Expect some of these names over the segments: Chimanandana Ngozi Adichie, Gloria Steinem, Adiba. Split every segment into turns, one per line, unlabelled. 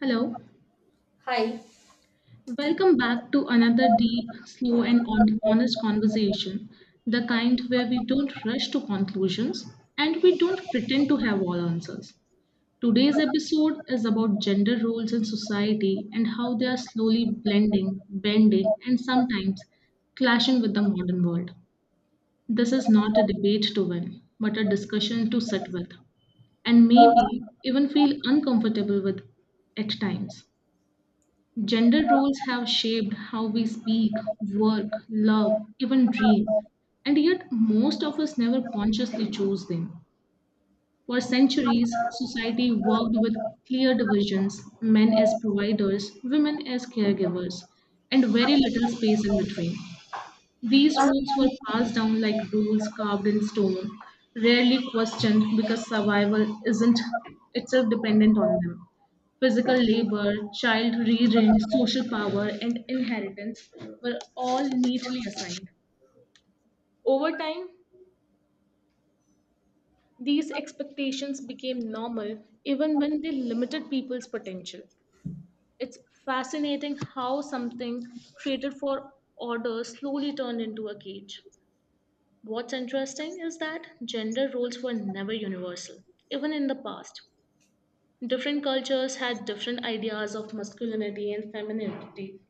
Hello,
Hi.
welcome back to another deep, slow, and honest conversation. The kind where we don't rush to conclusions and we don't pretend to have all answers. Today's episode is about gender roles in society and how they are slowly blending, bending, and sometimes clashing with the modern world. This is not a debate to win, but a discussion to sit with and maybe even feel uncomfortable with at times. Gender roles have shaped how we speak, work, love, even dream, and yet most of us never consciously choose them. For centuries, society worked with clear divisions: men as providers, women as caregivers, and very little space in between. These rules were passed down like rules carved in stone, rarely questioned because survival isn't itself dependent on them. Physical labor, child rearing, social power, and inheritance were all neatly assigned. Over time, these expectations became normal even when they limited people's potential. It's fascinating how something created for order slowly turned into a cage. What's interesting is that gender roles were never universal, even in the past. Different cultures had different ideas of masculinity and femininity.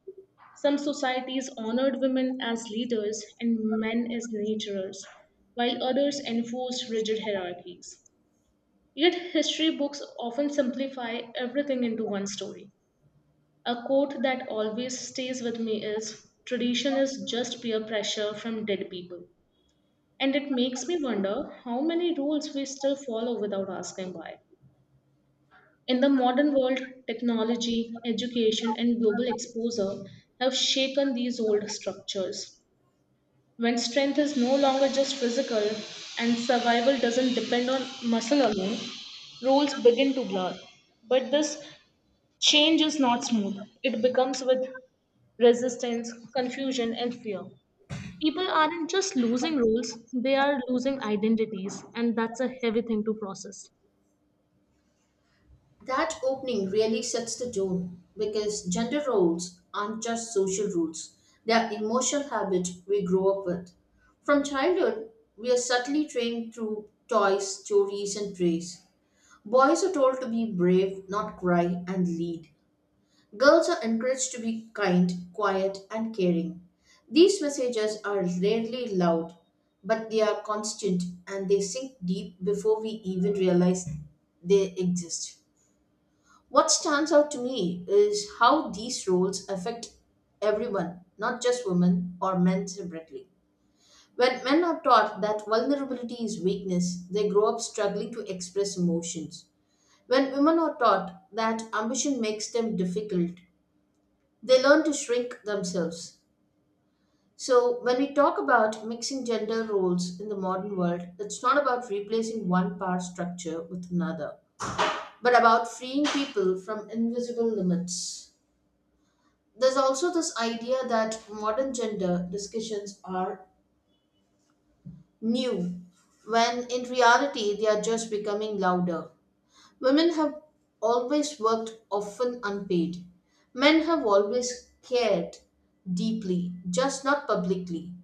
Some societies honored women as leaders and men as nurturers, while others enforced rigid hierarchies. Yet, history books often simplify everything into one story. A quote that always stays with me is, "Tradition is just peer pressure from dead people." And it makes me wonder how many rules we still follow without asking why. In the modern world, technology, education, and global exposure have shaken these old structures. When strength is no longer just physical and survival doesn't depend on muscle alone, roles begin to blur. But this change is not smooth, it becomes with resistance, confusion, and fear. People aren't just losing roles, they are losing identities, and that's a heavy thing to process.
That opening really sets the tone because gender roles aren't just social rules, they are emotional habits we grow up with. From childhood, we are subtly trained through toys, stories, and praise. Boys are told to be brave, not cry, and lead. Girls are encouraged to be kind, quiet, and caring. These messages are rarely loud, but they are constant and they sink deep before we even realize they exist. What stands out to me is how these roles affect everyone, not just women or men separately. When men are taught that vulnerability is weakness, they grow up struggling to express emotions. When women are taught that ambition makes them difficult, they learn to shrink themselves. So, when we talk about mixing gender roles in the modern world, it's not about replacing one power structure with another, but about freeing people from invisible limits. There's also this idea that modern gender discussions are new, when in reality they are just becoming louder. Women have always worked often unpaid. Men have always cared deeply, just not publicly.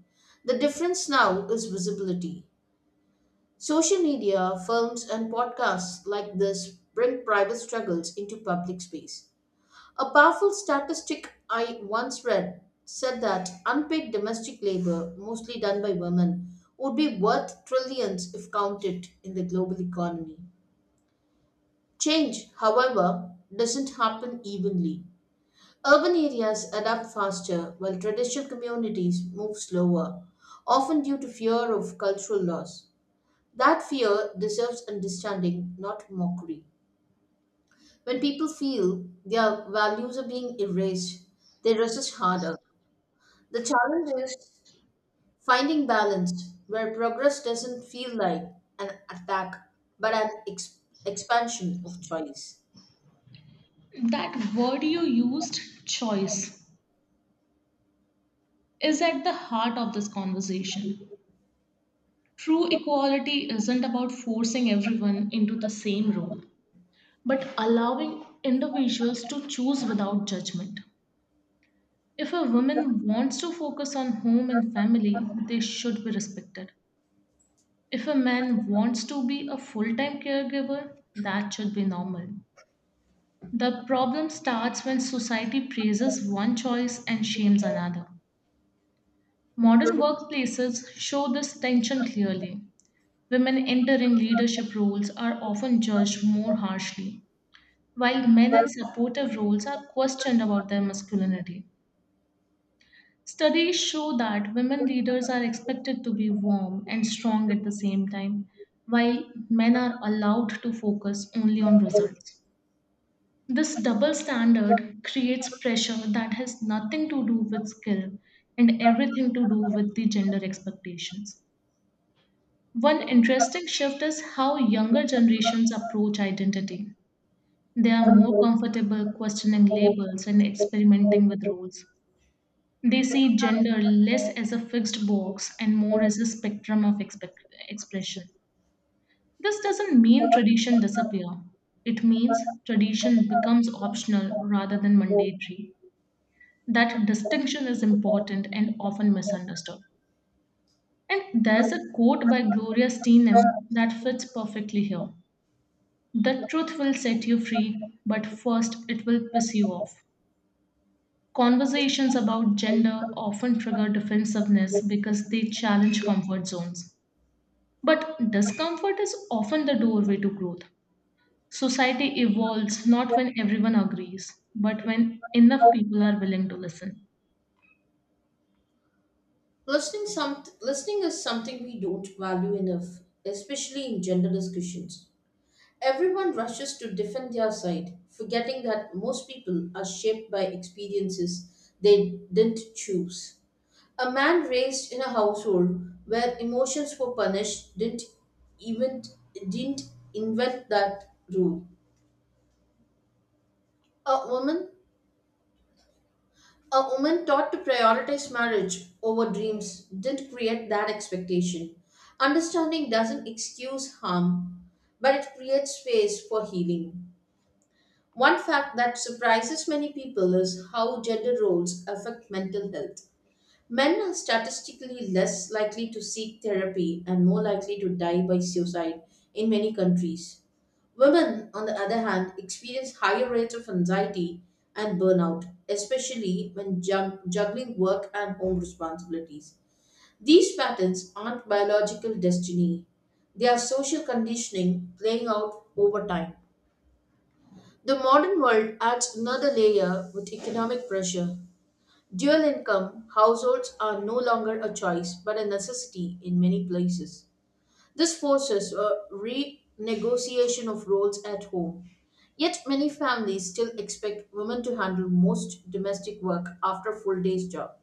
The difference now is visibility. Social media, films, and podcasts like this bring private struggles into public space. A powerful statistic I once read said that unpaid domestic labor, mostly done by women, would be worth trillions if counted in the global economy. Change, however, doesn't happen evenly. Urban areas adapt faster while traditional communities move slower, often due to fear of cultural loss. That fear deserves understanding, not mockery. When people feel their values are being erased, they resist harder. The challenge is finding balance where progress doesn't feel like an attack but an expansion of choice.
That word you used, choice, is at the heart of this conversation. True equality isn't about forcing everyone into the same role, but allowing individuals to choose without judgment. If a woman wants to focus on home and family, they should be respected. If a man wants to be a full time caregiver, that should be normal. The problem starts when society praises one choice and shames another. Modern workplaces show this tension clearly. Women entering leadership roles are often judged more harshly, while men in supportive roles are questioned about their masculinity. Studies show that women leaders are expected to be warm and strong at the same time, while men are allowed to focus only on results. This double standard creates pressure that has nothing to do with skill and everything to do with the gender expectations. One interesting shift is how younger generations approach identity. They are more comfortable questioning labels and experimenting with roles. They see gender less as a fixed box and more as a spectrum of expression. This doesn't mean tradition disappear. It means tradition becomes optional rather than mandatory. That distinction is important and often misunderstood. And there's a quote by Gloria Steinem that fits perfectly here. "The truth will set you free, but first it will piss you off." Conversations about gender often trigger defensiveness because they challenge comfort zones. But discomfort is often the doorway to growth. Society evolves not when everyone agrees, but when enough people are willing to listen.
Listening is something we don't value enough, especially in gender discussions. Everyone rushes to defend their side, forgetting that most people are shaped by experiences they didn't choose. A man raised in a household where emotions were punished even didn't invent that rule. A woman a woman taught to prioritize marriage over dreams didn't create that expectation. Understanding doesn't excuse harm, but it creates space for healing. One fact that surprises many people is how gender roles affect mental health. Men are statistically less likely to seek therapy and more likely to die by suicide in many countries. Women, on the other hand, experience higher rates of anxiety and burnout, especially when juggling work and home responsibilities. These patterns aren't biological destiny, they are social conditioning playing out over time. The modern world adds another layer with economic pressure. Dual income households are no longer a choice but a necessity in many places. This forces a renegotiation of roles at home. Yet many families still expect women to handle most domestic work after a full day's job.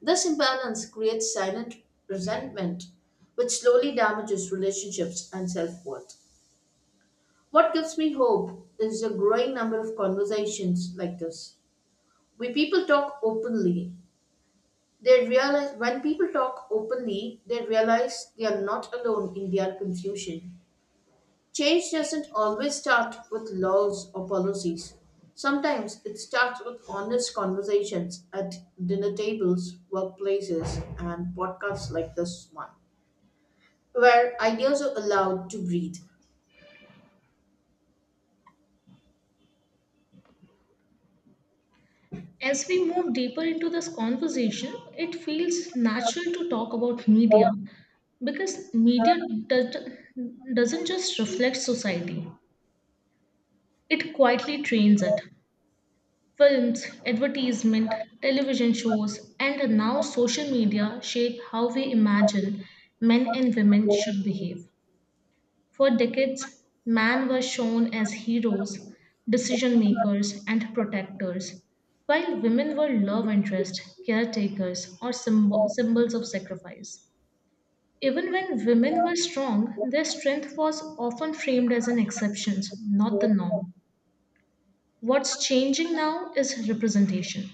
This imbalance creates silent resentment, which slowly damages relationships and self worth. What gives me hope is a growing number of conversations like this, where people talk openly, they realize they are not alone in their confusion. Change doesn't always start with laws or policies. Sometimes it starts with honest conversations at dinner tables, workplaces, and podcasts like this one, where ideas are allowed to breathe.
As we move deeper into this conversation, it feels natural to talk about media because does, doesn't just reflect society, it quietly trains it. Films, advertisement, television shows, and now social media shape how we imagine men and women should behave. For decades, men were shown as heroes, decision makers, and protectors, while women were love interests, caretakers, or symbols of sacrifice. Even when women were strong, their strength was often framed as an exception, not the norm. What's changing now is representation.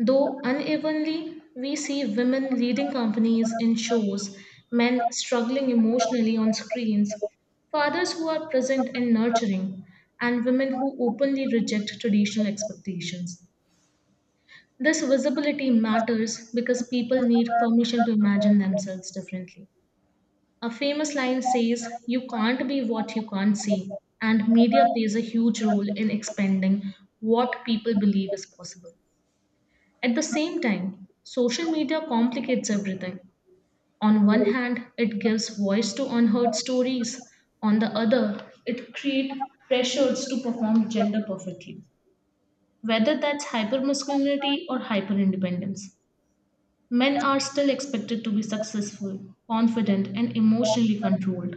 Though unevenly, we see women leading companies in shows, men struggling emotionally on screens, fathers who are present and nurturing, and women who openly reject traditional expectations. This visibility matters because people need permission to imagine themselves differently. A famous line says, "You can't be what you can't see," and media plays a huge role in expanding what people believe is possible. At the same time, social media complicates everything. On one hand, it gives voice to unheard stories. On the other, it creates pressures to perform gender perfectly. Whether that's hypermasculinity or hyperindependence, men are still expected to be successful, confident, and emotionally controlled,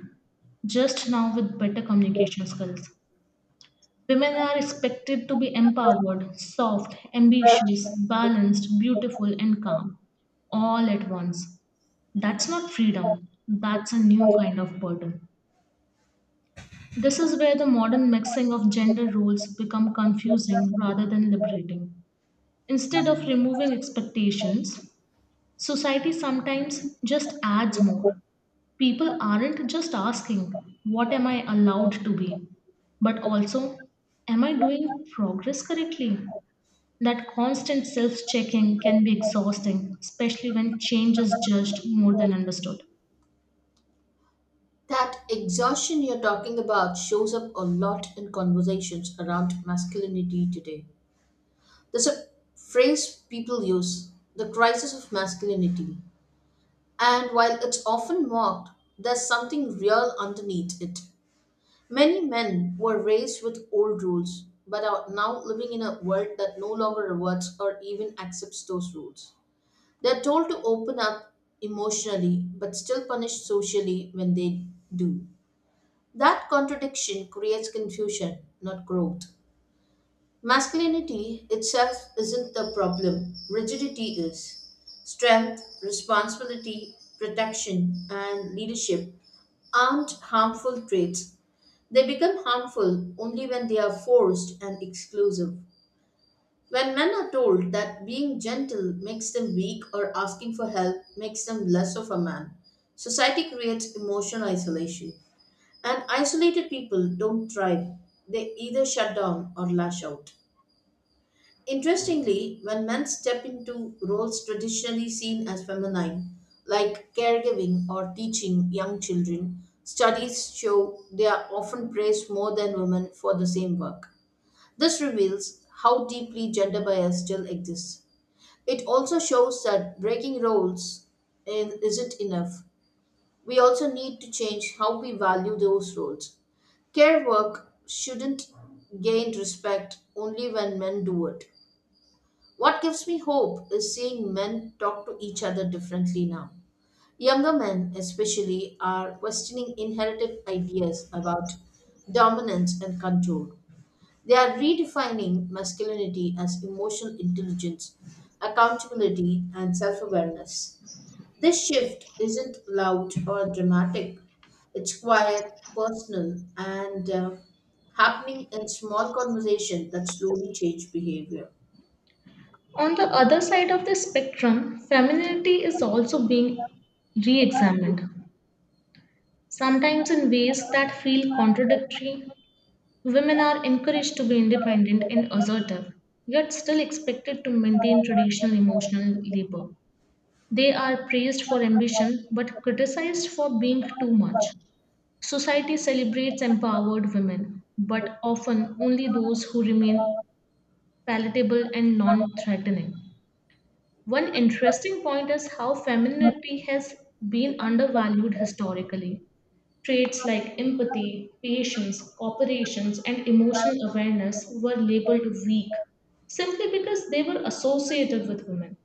just now with better communication skills. Women are expected to be empowered, soft, ambitious, balanced, beautiful, and calm all at once. That's not freedom, that's a new kind of burden. This is where the modern mixing of gender roles become confusing rather than liberating. Instead of removing expectations, society sometimes just adds more. People aren't just asking, "What am I allowed to be?" but also, "Am I doing progress correctly?" That constant self checking can be exhausting, especially when change is judged more than understood.
That exhaustion you're talking about shows up a lot in conversations around masculinity today. There's a phrase people use, the crisis of masculinity. And while it's often mocked, there's something real underneath it. Many men were raised with old rules, but are now living in a world that no longer rewards or even accepts those rules. They're told to open up emotionally, but still punished socially when they do. That contradiction creates confusion, not growth. Masculinity itself isn't the problem, rigidity is. Strength, responsibility, protection, and leadership aren't harmful traits. They become harmful only when they are forced and exclusive. When men are told that being gentle makes them weak or asking for help makes them less of a man, society creates emotional isolation. And isolated people don't thrive, they either shut down or lash out. Interestingly, when men step into roles traditionally seen as feminine, like caregiving or teaching young children, studies show they are often praised more than women for the same work. This reveals how deeply gender bias still exists. It also shows that breaking roles isn't enough. We also need to change how we value those roles. Care work shouldn't gain respect only when men do it. What gives me hope is seeing men talk to each other differently now. Younger men, especially, are questioning inherited ideas about dominance and control. They are redefining masculinity as emotional intelligence, accountability, and self awareness. This shift isn't loud or dramatic, it's quiet, personal, and happening in small conversations that slowly change behavior.
On the other side of the spectrum, femininity is also being re examined, sometimes in ways that feel contradictory. Women are encouraged to be independent and assertive, yet still expected to maintain traditional emotional labor. They are praised for ambition but criticized for being too much. Society celebrates empowered women, but often only those who remain palatable and non threatening. One interesting point is how femininity has been undervalued historically. Traits like empathy, patience, cooperation, and emotional awareness were labeled weak simply because they were associated with women.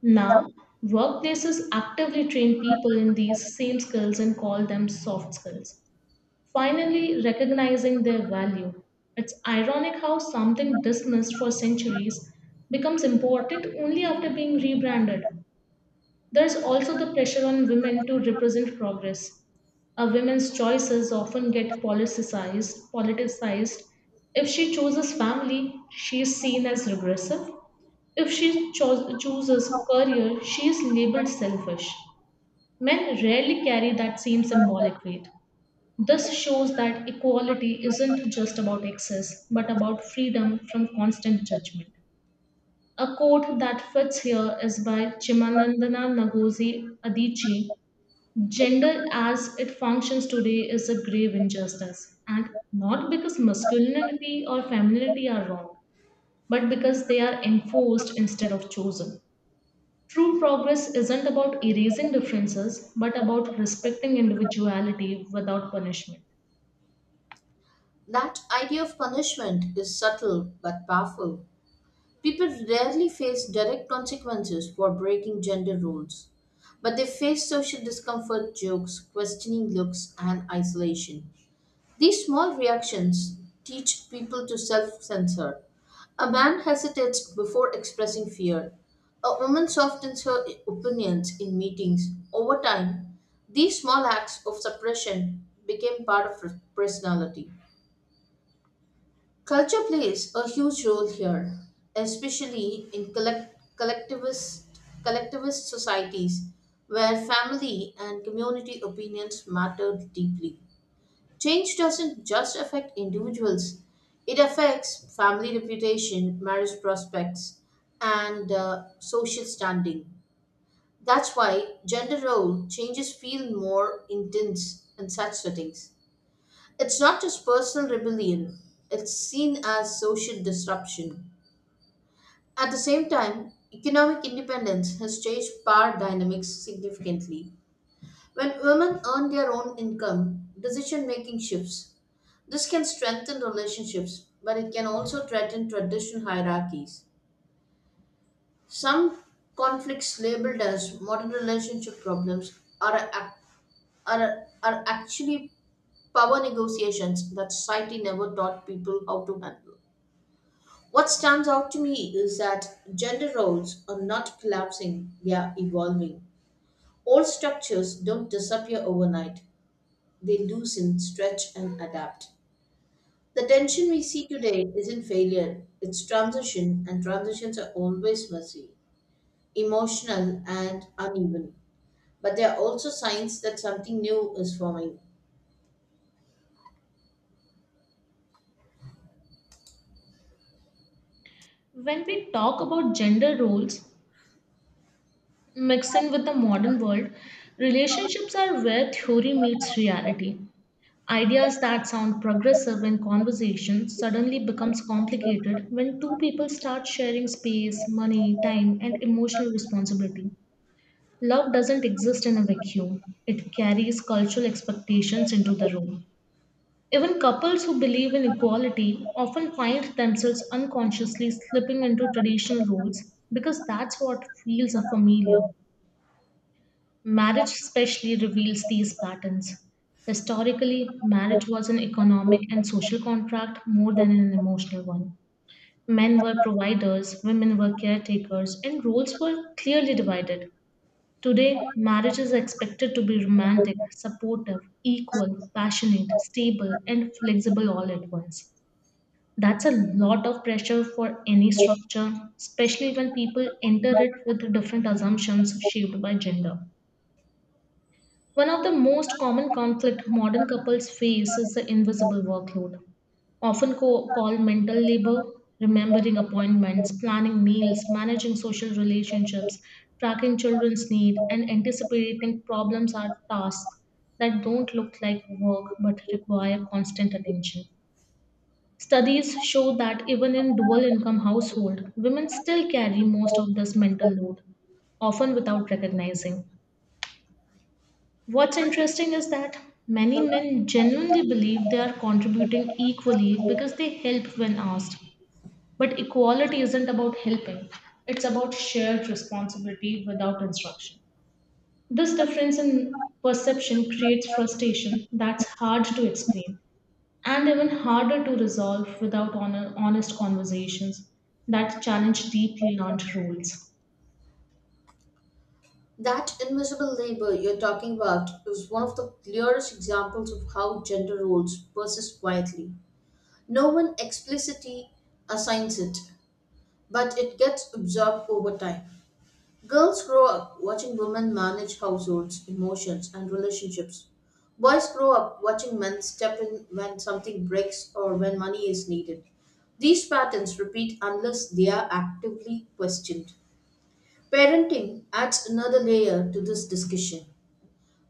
Now, workplaces actively train people in these same skills and call them soft skills, finally recognizing their value. It's ironic how something dismissed for centuries becomes important only after being rebranded. There's also the pressure on women to represent progress. A woman's choices often get politicized. If she chooses family, she is seen as regressive. If she chooses career, she is labeled selfish. Men rarely carry that same symbolic weight. This shows that equality isn't just about access, but about freedom from constant judgment. A quote that fits here is by Chimanandana Nagozi Adichie: "Gender as it functions today is a grave injustice, and not because masculinity or femininity are wrong, but because they are enforced instead of chosen." True progress isn't about erasing differences, but about respecting individuality without punishment.
That idea of punishment is subtle but powerful. People rarely face direct consequences for breaking gender roles, but they face social discomfort, jokes, questioning looks, and isolation. These small reactions teach people to self censor. A man hesitates before expressing fear. A woman softens her opinions in meetings. Over time, these small acts of suppression became part of her personality. Culture plays a huge role here, especially in collectivist societies where family and community opinions matter deeply. Change doesn't just affect individuals; it affects family reputation, marriage prospects, and social standing. That's why gender role changes feel more intense in such settings. It's not just personal rebellion, it's seen as social disruption. At the same time, economic independence has changed power dynamics significantly. When women earn their own income, decision making shifts. This can strengthen relationships, but it can also threaten traditional hierarchies. Some conflicts labeled as modern relationship problems are actually power negotiations that society never taught people how to handle. What stands out to me is that gender roles are not collapsing, they are evolving. Old structures don't disappear overnight, they loosen, stretch, and adapt. The tension we see today isn't failure, it's transition, and transitions are always messy, emotional, and uneven. But they are also signs that something new is forming.
When we talk about gender roles mixed in with the modern world, relationships are where theory meets reality. Ideas that sound progressive in conversation suddenly becomes complicated when two people start sharing space, money, time, and emotional responsibility. Love doesn't exist in a vacuum. It carries cultural expectations into the room. Even couples who believe in equality often find themselves unconsciously slipping into traditional roles because that's what feels familiar. Marriage especially reveals these patterns. Historically, marriage was an economic and social contract more than an emotional one. Men were providers, women were caretakers, and roles were clearly divided. Today, marriage is expected to be romantic, supportive, equal, passionate, stable, and flexible all at once. That's a lot of pressure for any structure, especially when people enter it with different assumptions shaped by gender. One of the most common conflict modern couples face is the invisible workload, often called mental labor, remembering appointments, planning meals, managing social relationships, tracking children's needs, and anticipating problems are tasks that don't look like work but require constant attention. Studies show that even in dual income household, women still carry most of this mental load, often without recognizing. What's interesting is that many men genuinely believe they are contributing equally because they help when asked. But equality isn't about helping, it's about shared responsibility without instruction. This difference in perception creates frustration that's hard to explain and even harder to resolve without honest conversations that challenge deeply learned rules.
That invisible labor you're talking about is one of the clearest examples of how gender roles persist quietly. No one explicitly assigns it, but it gets absorbed over time. Girls grow up watching women manage households, emotions, and relationships. Boys grow up watching men step in when something breaks or when money is needed. These patterns repeat unless they are actively questioned. Parenting adds another layer to this discussion.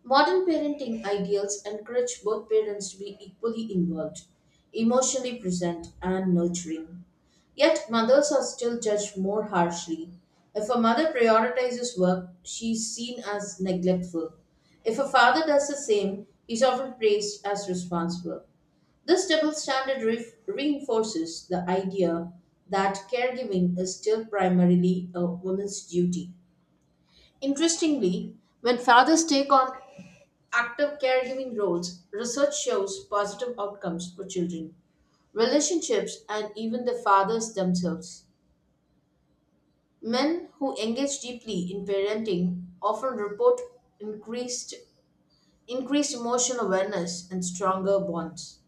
Modern parenting ideals encourage both parents to be equally involved, emotionally present, and nurturing. Yet, mothers are still judged more harshly. If a mother prioritizes work, she is seen as neglectful. If a father does the same, he is often praised as responsible. This double standard reinforces the idea that caregiving is still primarily a woman's duty. Interestingly, when fathers take on active caregiving roles, research shows positive outcomes for children, relationships, and even the fathers themselves. Men who engage deeply in parenting often report increased, increased emotional awareness and stronger bonds.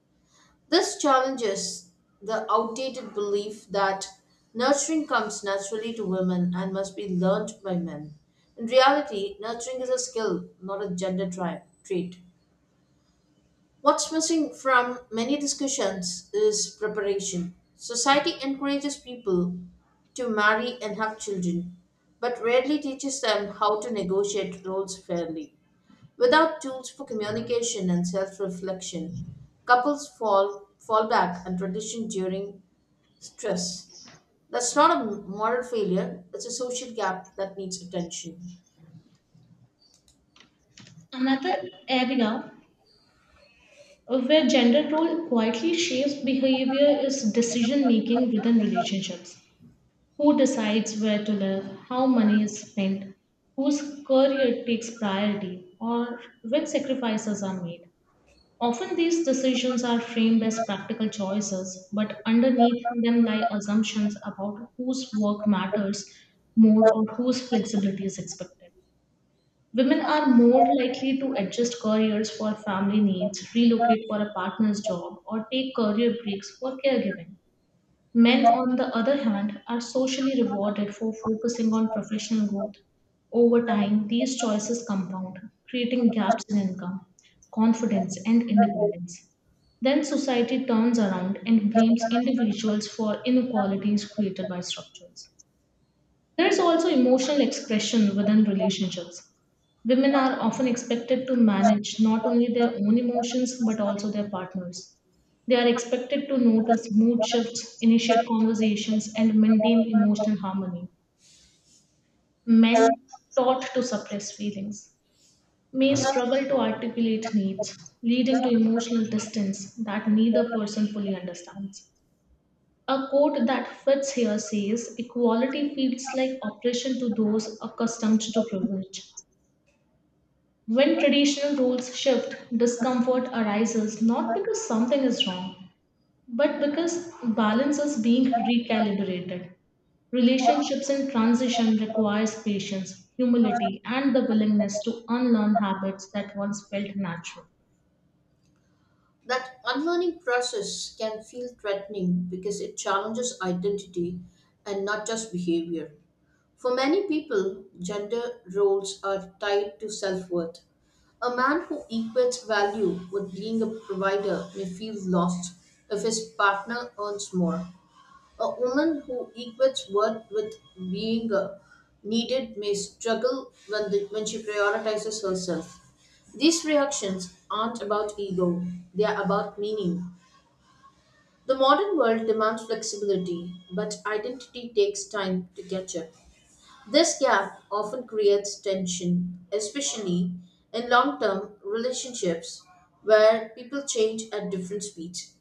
This challenges the outdated belief that nurturing comes naturally to women and must be learned by men. In reality, nurturing is a skill, not a gender trait. What's missing from many discussions is preparation. Society encourages people to marry and have children, but rarely teaches them how to negotiate roles fairly. Without tools for communication and self reflection, couples fall back on tradition during stress. That's not a moral failure, it's a social gap that needs attention.
Another area where gender role quietly shapes behavior is decision making within relationships. Who decides where to live, how money is spent, whose career takes priority, or when sacrifices are made. Often these decisions are framed as practical choices, but underneath them lie assumptions about whose work matters more or whose flexibility is expected. Women are more likely to adjust careers for family needs, relocate for a partner's job, or take career breaks for caregiving. Men, on the other hand, are socially rewarded for focusing on professional growth. Over time, these choices compound, creating gaps in income, confidence, and independence. Then society turns around and blames individuals for inequalities created by structures. There is also emotional expression within relationships. Women are often expected to manage not only their own emotions but also their partners. They are expected to notice mood shifts, initiate conversations, and maintain emotional harmony. Men, taught to suppress feelings, may struggle to articulate needs, leading to emotional distance that neither person fully understands. A quote that fits here says equality feels like oppression to those accustomed to privilege. When traditional roles shift, discomfort arises not because something is wrong, but because balance is being recalibrated. Relationships in transition requires patience, humility, and the willingness to unlearn habits that once felt natural.
That unlearning process can feel threatening because it challenges identity and not just behavior. For many people, gender roles are tied to self worth. A man who equates value with being a provider may feel lost if his partner earns more. A woman who equates worth with being needed may struggle when she prioritizes herself. These reactions aren't about ego, they are about meaning. The modern world demands flexibility, but identity takes time to catch up. This gap often creates tension, especially in long term relationships where people change at different speeds.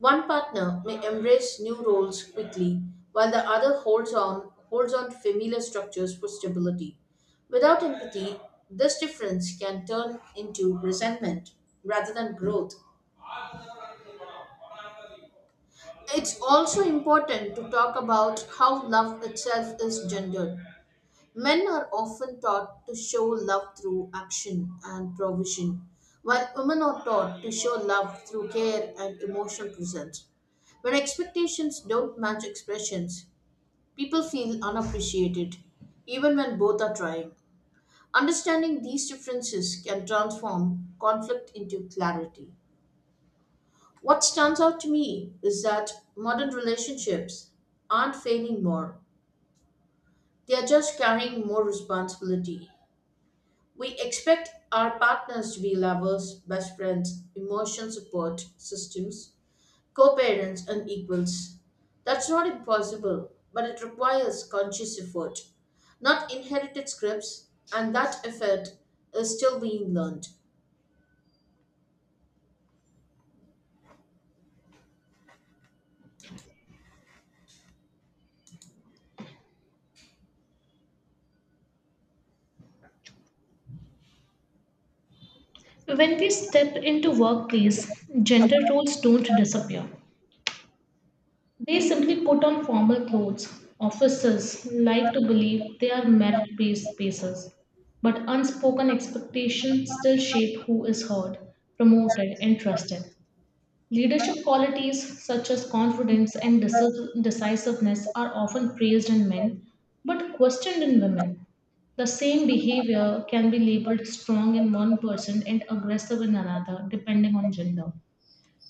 One partner may embrace new roles quickly, while the other holds on to familiar structures for stability. Without empathy, this difference can turn into resentment rather than growth. It's also important to talk about how love itself is gendered. Men are often taught to show love through action and provision, while women are taught to show love through care and emotional presence. When expectations don't match expressions, people feel unappreciated, even when both are trying. Understanding these differences can transform conflict into clarity. What stands out to me is that modern relationships aren't failing more, they are just carrying more responsibility. We expect our partners to be lovers, best friends, emotion support systems, co parents, and equals. That's not impossible, but it requires conscious effort, not inherited scripts, and that effort is still being learned.
When we step into workplace, gender roles don't disappear. They simply put on formal clothes. Officers like to believe they are merit based bases, but unspoken expectations still shape who is heard, promoted, and trusted. Leadership qualities such as confidence and decisiveness are often praised in men but questioned in women. The same behavior can be labeled strong in one person and aggressive in another, depending on gender.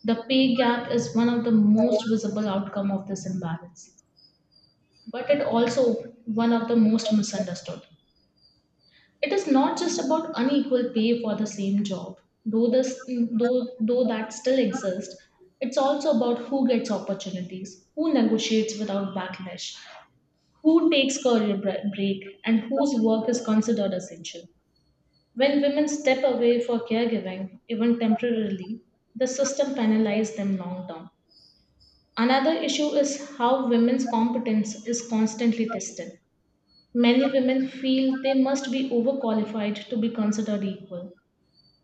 The pay gap is one of the most visible outcome of this imbalance, but it also one of the most misunderstood. It is not just about unequal pay for the same job, though this though that still exists. It's also about who gets opportunities, who negotiates without backlash, who takes career break, and whose work is considered essential. When women step away for caregiving, even temporarily, the system penalizes them long term. Another issue is how women's competence is constantly tested. Many women feel they must be overqualified to be considered equal.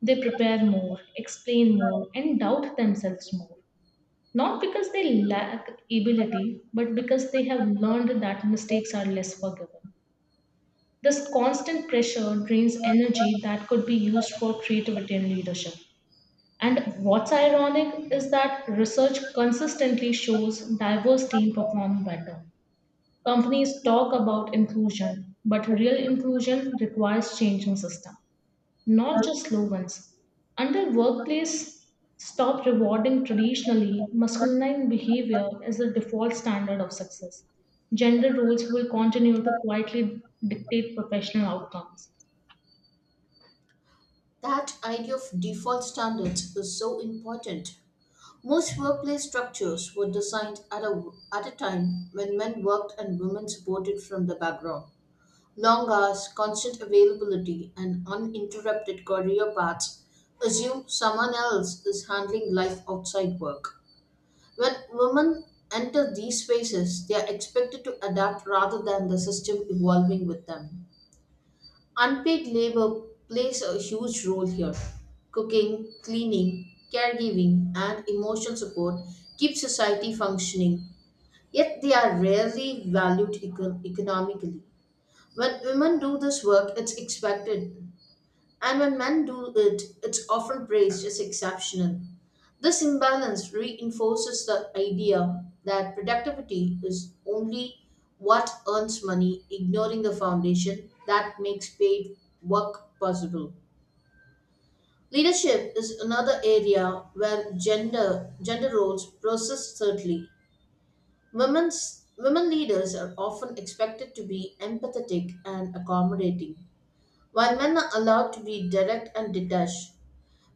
They prepare more, explain more, and doubt themselves more. Not because they lack ability, but because they have learned that mistakes are less forgiven. This constant pressure drains energy that could be used for creativity and leadership. And what's ironic is that research consistently shows diverse teams perform better. Companies talk about inclusion, but real inclusion requires changing system, not just slogans. Under workplace, stop rewarding traditionally masculine behavior as the default standard of success. Gender roles will continue to quietly dictate professional outcomes.
That idea of default standards is so important. Most workplace structures were designed at a time when men worked and women supported from the background. Long hours, constant availability, and uninterrupted career paths assume someone else is handling life outside work. When women enter these spaces, they are expected to adapt rather than the system evolving with them. Unpaid labor plays a huge role here. Cooking, cleaning, caregiving, and emotional support keep society functioning, yet, they are rarely valued economically. When women do this work, it's expected, and when men do it, it's often praised as exceptional. This imbalance reinforces the idea that productivity is only what earns money, ignoring the foundation that makes paid work possible. Leadership is another area where gender roles persist thirdly. Women leaders are often expected to be empathetic and accommodating, when men are allowed to be direct and detached,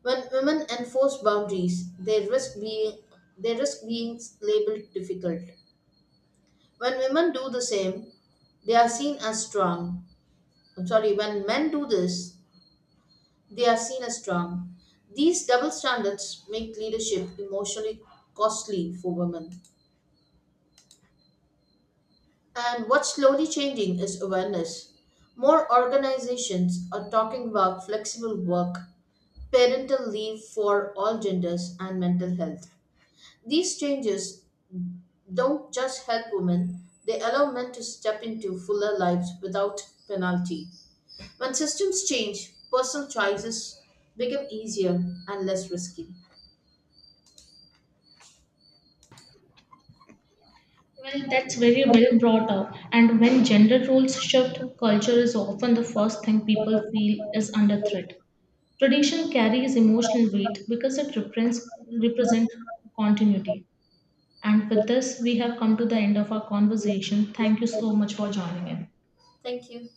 when women enforce boundaries, they risk being labeled difficult. When women do the same, they are seen as strong. I'm sorry, when men do this, they are seen as strong. These double standards make leadership emotionally costly for women. And what's slowly changing is awareness. More organizations are talking about flexible work, parental leave for all genders, and mental health. These changes don't just help women, they allow men to step into fuller lives without penalty. When systems change, personal choices become easier and less risky.
Well, that's very well brought up. And when gender roles shift, culture is often the first thing people feel is under threat. Tradition carries emotional weight because it represents represent continuity. And with this, we have come to the end of our conversation. Thank you so much for joining in.
Thank you.